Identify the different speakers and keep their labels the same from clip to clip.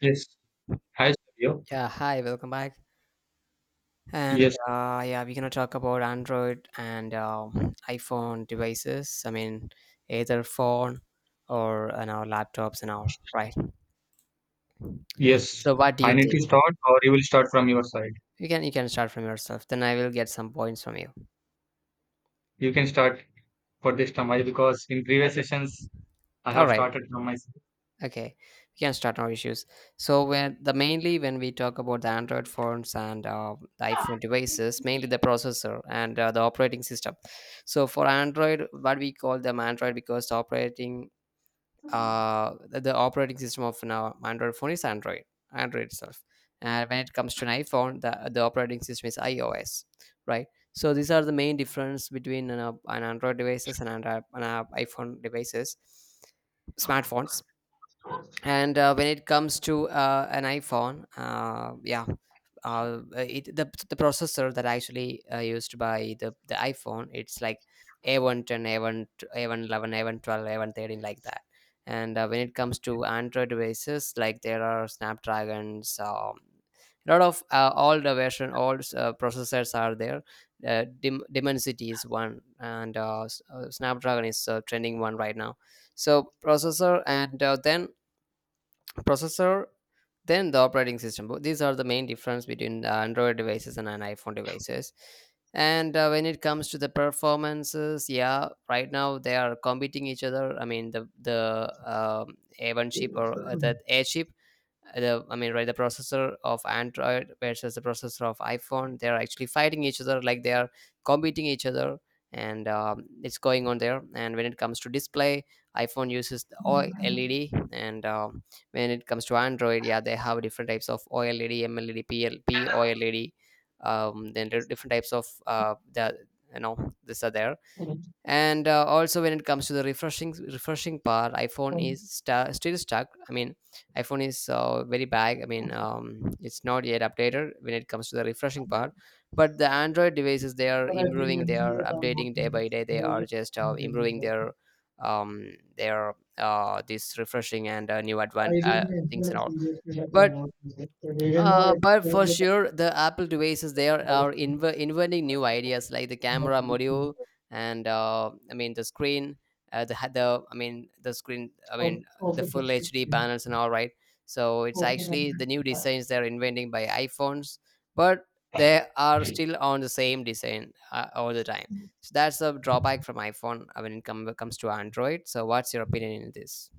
Speaker 1: Yes. Hi, Savio.
Speaker 2: Yeah, hi, welcome back. And
Speaker 1: Yes,
Speaker 2: yeah, we're gonna talk about Android and iPhone devices. I mean, either phone or an our laptops and all, right?
Speaker 1: yes.
Speaker 2: So, what do
Speaker 1: I
Speaker 2: you
Speaker 1: need to
Speaker 2: think?
Speaker 1: start, or you will start from your side.
Speaker 2: You can start from yourself. Then I will get some points from you.
Speaker 1: You can start for this time, because in previous sessions I
Speaker 2: All
Speaker 1: have
Speaker 2: right,
Speaker 1: started from my side.
Speaker 2: okay. We can start our issues. So when the mainly when we talk about the Android phones and the iPhone devices, mainly the processor and the operating system. So for Android, what we call them Android because the operating system of an Android phone is Android, Android itself. And when it comes to an iPhone, the operating system is iOS, right? So these are the main difference between an Android devices and an iPhone devices, smartphones, and when it comes to an iphone it, the processor that actually used by the iphone, it's like a110 a1 a111 a112 a113, like that. And when it comes to android devices, like there are snapdragons, a lot of all the version all processors are there. Dimensity is one, and snapdragon is trending one right now. So processor and then processor, then the operating system. These are the main difference between android devices and an iphone devices. And when it comes to the performances, yeah, right now they are competing each other. I mean, the a1 chip or that a chip, the the processor of android versus the processor of iphone, they're actually fighting each other, like they are competing each other. And it's going on there. And when it comes to display, iphone uses the oled, and when it comes to android, yeah, they have different types of oled, mled, plp oled. Then there are different types of the you know these are there. And also when it comes to the refreshing part, iphone is sta still stuck. I mean, iphone is very bad. I mean, it's not yet updated when it comes to the refreshing part. But the android devices, they are improving, they are updating day by day, they are just improving um their this refreshing and new things and all. But but for sure, the Apple devices, there are inventing new ideas, like the camera module, and I mean the screen, the ha- the I mean the screen. I mean the full HD panels and all, right. So it's actually the new designs they're inventing by iPhones, but they are still on the same design all the time. So that's a drawback from iPhone when it comes to Android. So what's your opinion in this?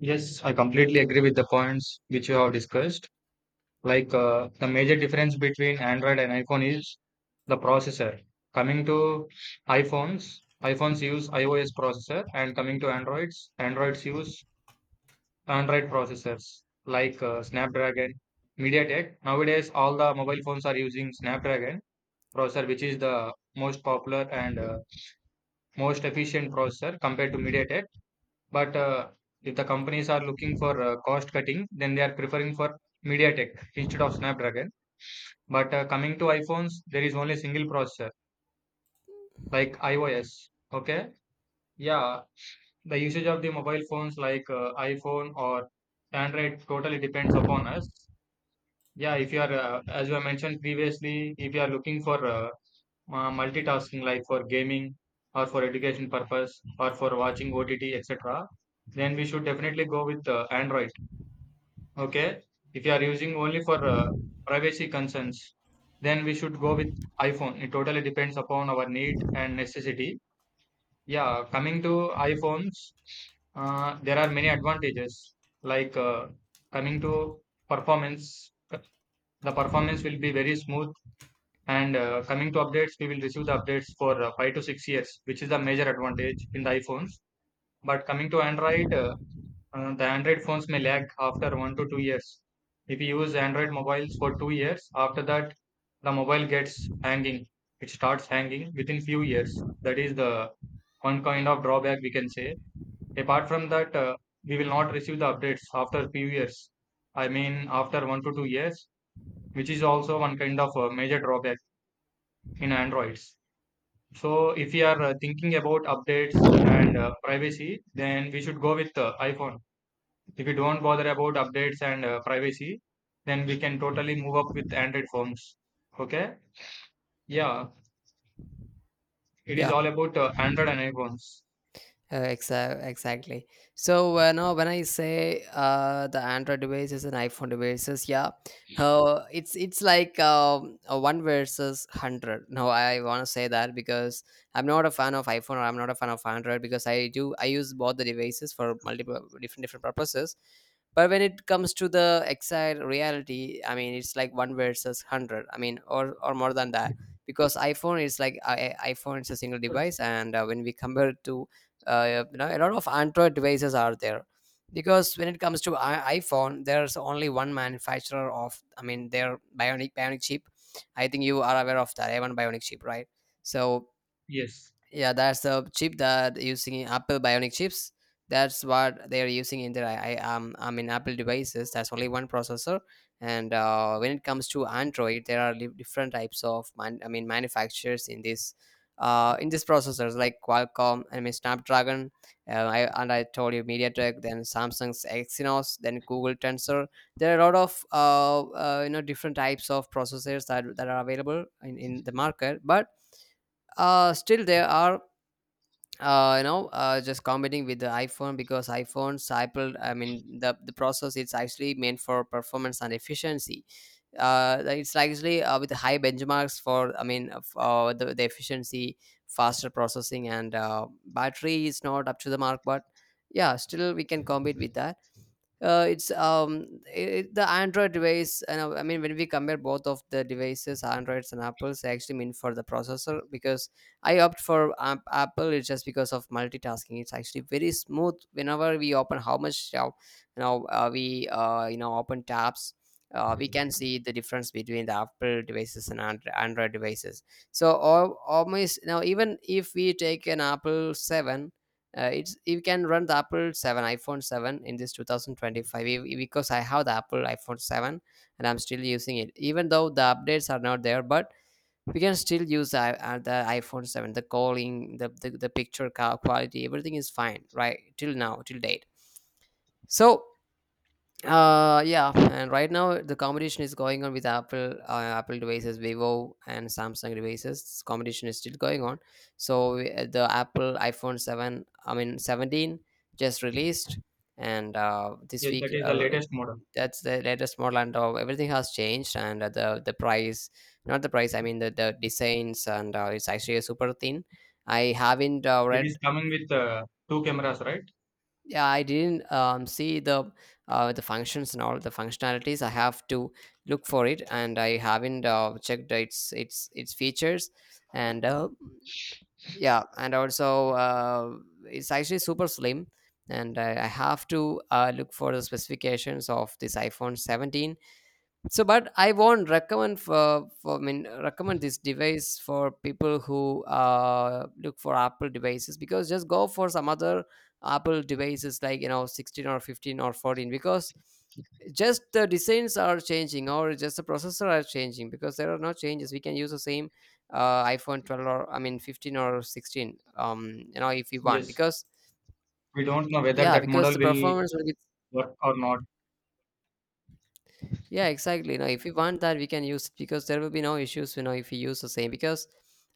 Speaker 1: Yes, I completely agree with the points which you have discussed. Like the major difference between Android and iPhone is the processor. Coming to iPhones, iPhones use iOS processor, and coming to Androids, Androids use Android processors like Snapdragon, MediaTek. Nowadays all the mobile phones are using Snapdragon processor, which is the most popular and most efficient processor compared to MediaTek. But if the companies are looking for cost cutting, then they are preferring for MediaTek instead of Snapdragon. But coming to iPhones, there is only single processor, like iOS. Okay. Yeah. The usage of the mobile phones like iPhone or Android totally depends upon us. Yeah. If you are, As you have mentioned previously, if you are looking for multitasking, like for gaming or for education purpose or for watching OTT, etc., then we should definitely go with Android. Okay. If you are using only for privacy concerns, then we should go with iPhone. It totally depends upon our need and necessity. Yeah, coming to iPhones, there are many advantages, like coming to performance. The performance will be very smooth. And coming to updates, we will receive the updates for 5 to 6 years, which is the major advantage in the iPhones. But coming to Android, the Android phones may lag after 1 to 2 years. If you use Android mobiles for 2 years, after that, the mobile gets hanging. It starts hanging within few years. That is the one kind of drawback we can say. Apart from that, we will not receive the updates after few years. I mean, after 1 to 2 years, which is also one kind of major drawback in Androids. So, if you are thinking about updates and privacy, then we should go with iPhone. If you don't bother about updates and privacy, then we can totally move up with Android phones. Okay? Yeah, it is
Speaker 2: Yeah,
Speaker 1: all about Android and iPhones.
Speaker 2: Exactly. So now when I say the Android devices and iPhone devices, yeah, it's like a one versus hundred. No, I want to say that because I'm not a fan of iPhone, or I'm not a fan of Android, because I use both the devices for multiple different purposes. But when it comes to the exact reality, I mean, it's like one versus hundred. I mean, or more than that, because iPhone is like, iPhone is a single device, and when we compare it to a lot of android devices are there, because when it comes to iphone, there's only one manufacturer of, I mean, their bionic chip. I think you are aware of that a1 bionic chip, right? So
Speaker 1: Yes,
Speaker 2: yeah, that's the chip that using Apple Bionic chips. That's what they are using in their Apple devices. That's only one processor, and when it comes to Android, there are different types of I mean manufacturers in this in these processors, like Qualcomm, I mean Snapdragon, and I told you MediaTek, then Samsung's Exynos, then Google Tensor. There are a lot of different types of processors that are available in the market. But still there are just competing with the iphone, because iphones, apple, I mean, the process, it's actually meant for performance and efficiency. Like it's actually with high benchmarks for, I mean of, the efficiency, faster processing, and battery is not up to the mark, but yeah, still we can compete with that. uh, it's um it, the android device and I mean when we compare both of the devices, androids and apples, I actually mean for the processor, because I opt for apple, it's just because of multitasking. It's actually very smooth whenever we open, how much you know we you know open tabs, we can see the difference between the apple devices and android devices. So almost now, even if we take an apple 7, it's, you can run the apple 7, iphone 7, in this 2025, because I have the apple iphone 7, and I'm still using it, even though the updates are not there. But we can still use the iphone 7, the calling, the picture quality, everything is fine, right, till now, till date. So yeah, and right now the competition is going on with Apple, Apple devices, Vivo, and Samsung devices. This competition is still going on. So the Apple iPhone 17 just released, and this
Speaker 1: yes,
Speaker 2: week
Speaker 1: that is the latest model.
Speaker 2: that's the latest model. And everything has changed, and the price, not the price, I mean the designs, and it's actually a super thin. I haven't
Speaker 1: It is
Speaker 2: read,
Speaker 1: coming with two cameras, right?
Speaker 2: yeah, I didn't see the functions and all the functionalities. I have to look for it, and I haven't checked its its features. And yeah, and also it's actually super slim, and I have to look for the specifications of this iphone 17. So but I won't recommend for, recommend this device for people who look for apple devices, because just go for some other apple devices, like you know, 16 or 15 or 14, because just the designs are changing, or just the processor are changing, because there are no changes, we can use the same iphone 12, or I mean 15 or 16, you know, if we want,
Speaker 1: Yes.
Speaker 2: because
Speaker 1: We don't know whether
Speaker 2: yeah,
Speaker 1: that
Speaker 2: because
Speaker 1: model
Speaker 2: the
Speaker 1: will
Speaker 2: performance will be,
Speaker 1: work or not.
Speaker 2: yeah, exactly. You know, if we want that, we can use it, because there will be no issues. You know, if we use the same, because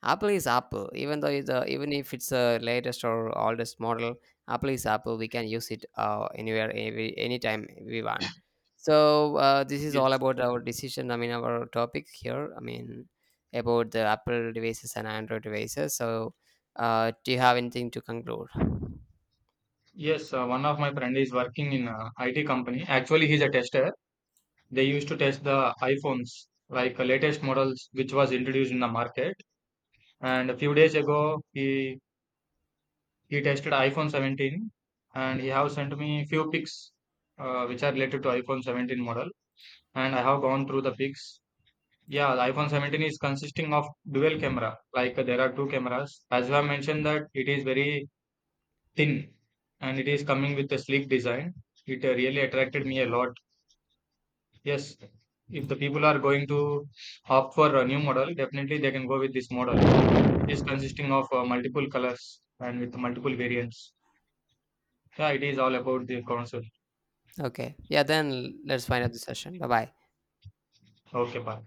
Speaker 2: Apple is Apple. Even if it's a latest or oldest model, Apple is Apple. We can use it anywhere, anytime we want. So this is all
Speaker 1: Yes.
Speaker 2: about our decision. I mean, our topic here. I mean, about the Apple devices and Android devices. So, do you have anything to conclude?
Speaker 1: Yes, one of my friend is working in a IT company. Actually, he's a tester. They used to test the iPhones, like latest models which was introduced in the market. And a few days ago, he tested iPhone 17 and he have sent me few pics which are related to iPhone 17 model, and I have gone through the pics. Yeah, the iPhone 17 is consisting of dual camera. Like there are two cameras. As you have mentioned, that it is very thin and it is coming with a sleek design. It really attracted me a lot. Yes, if the people are going to opt for a new model, definitely they can go with this model. It is consisting of multiple colors and with multiple variants. Yeah, it is all about the console.
Speaker 2: Okay. Yeah. Then let's find out the session. Bye bye.
Speaker 1: Okay, bye.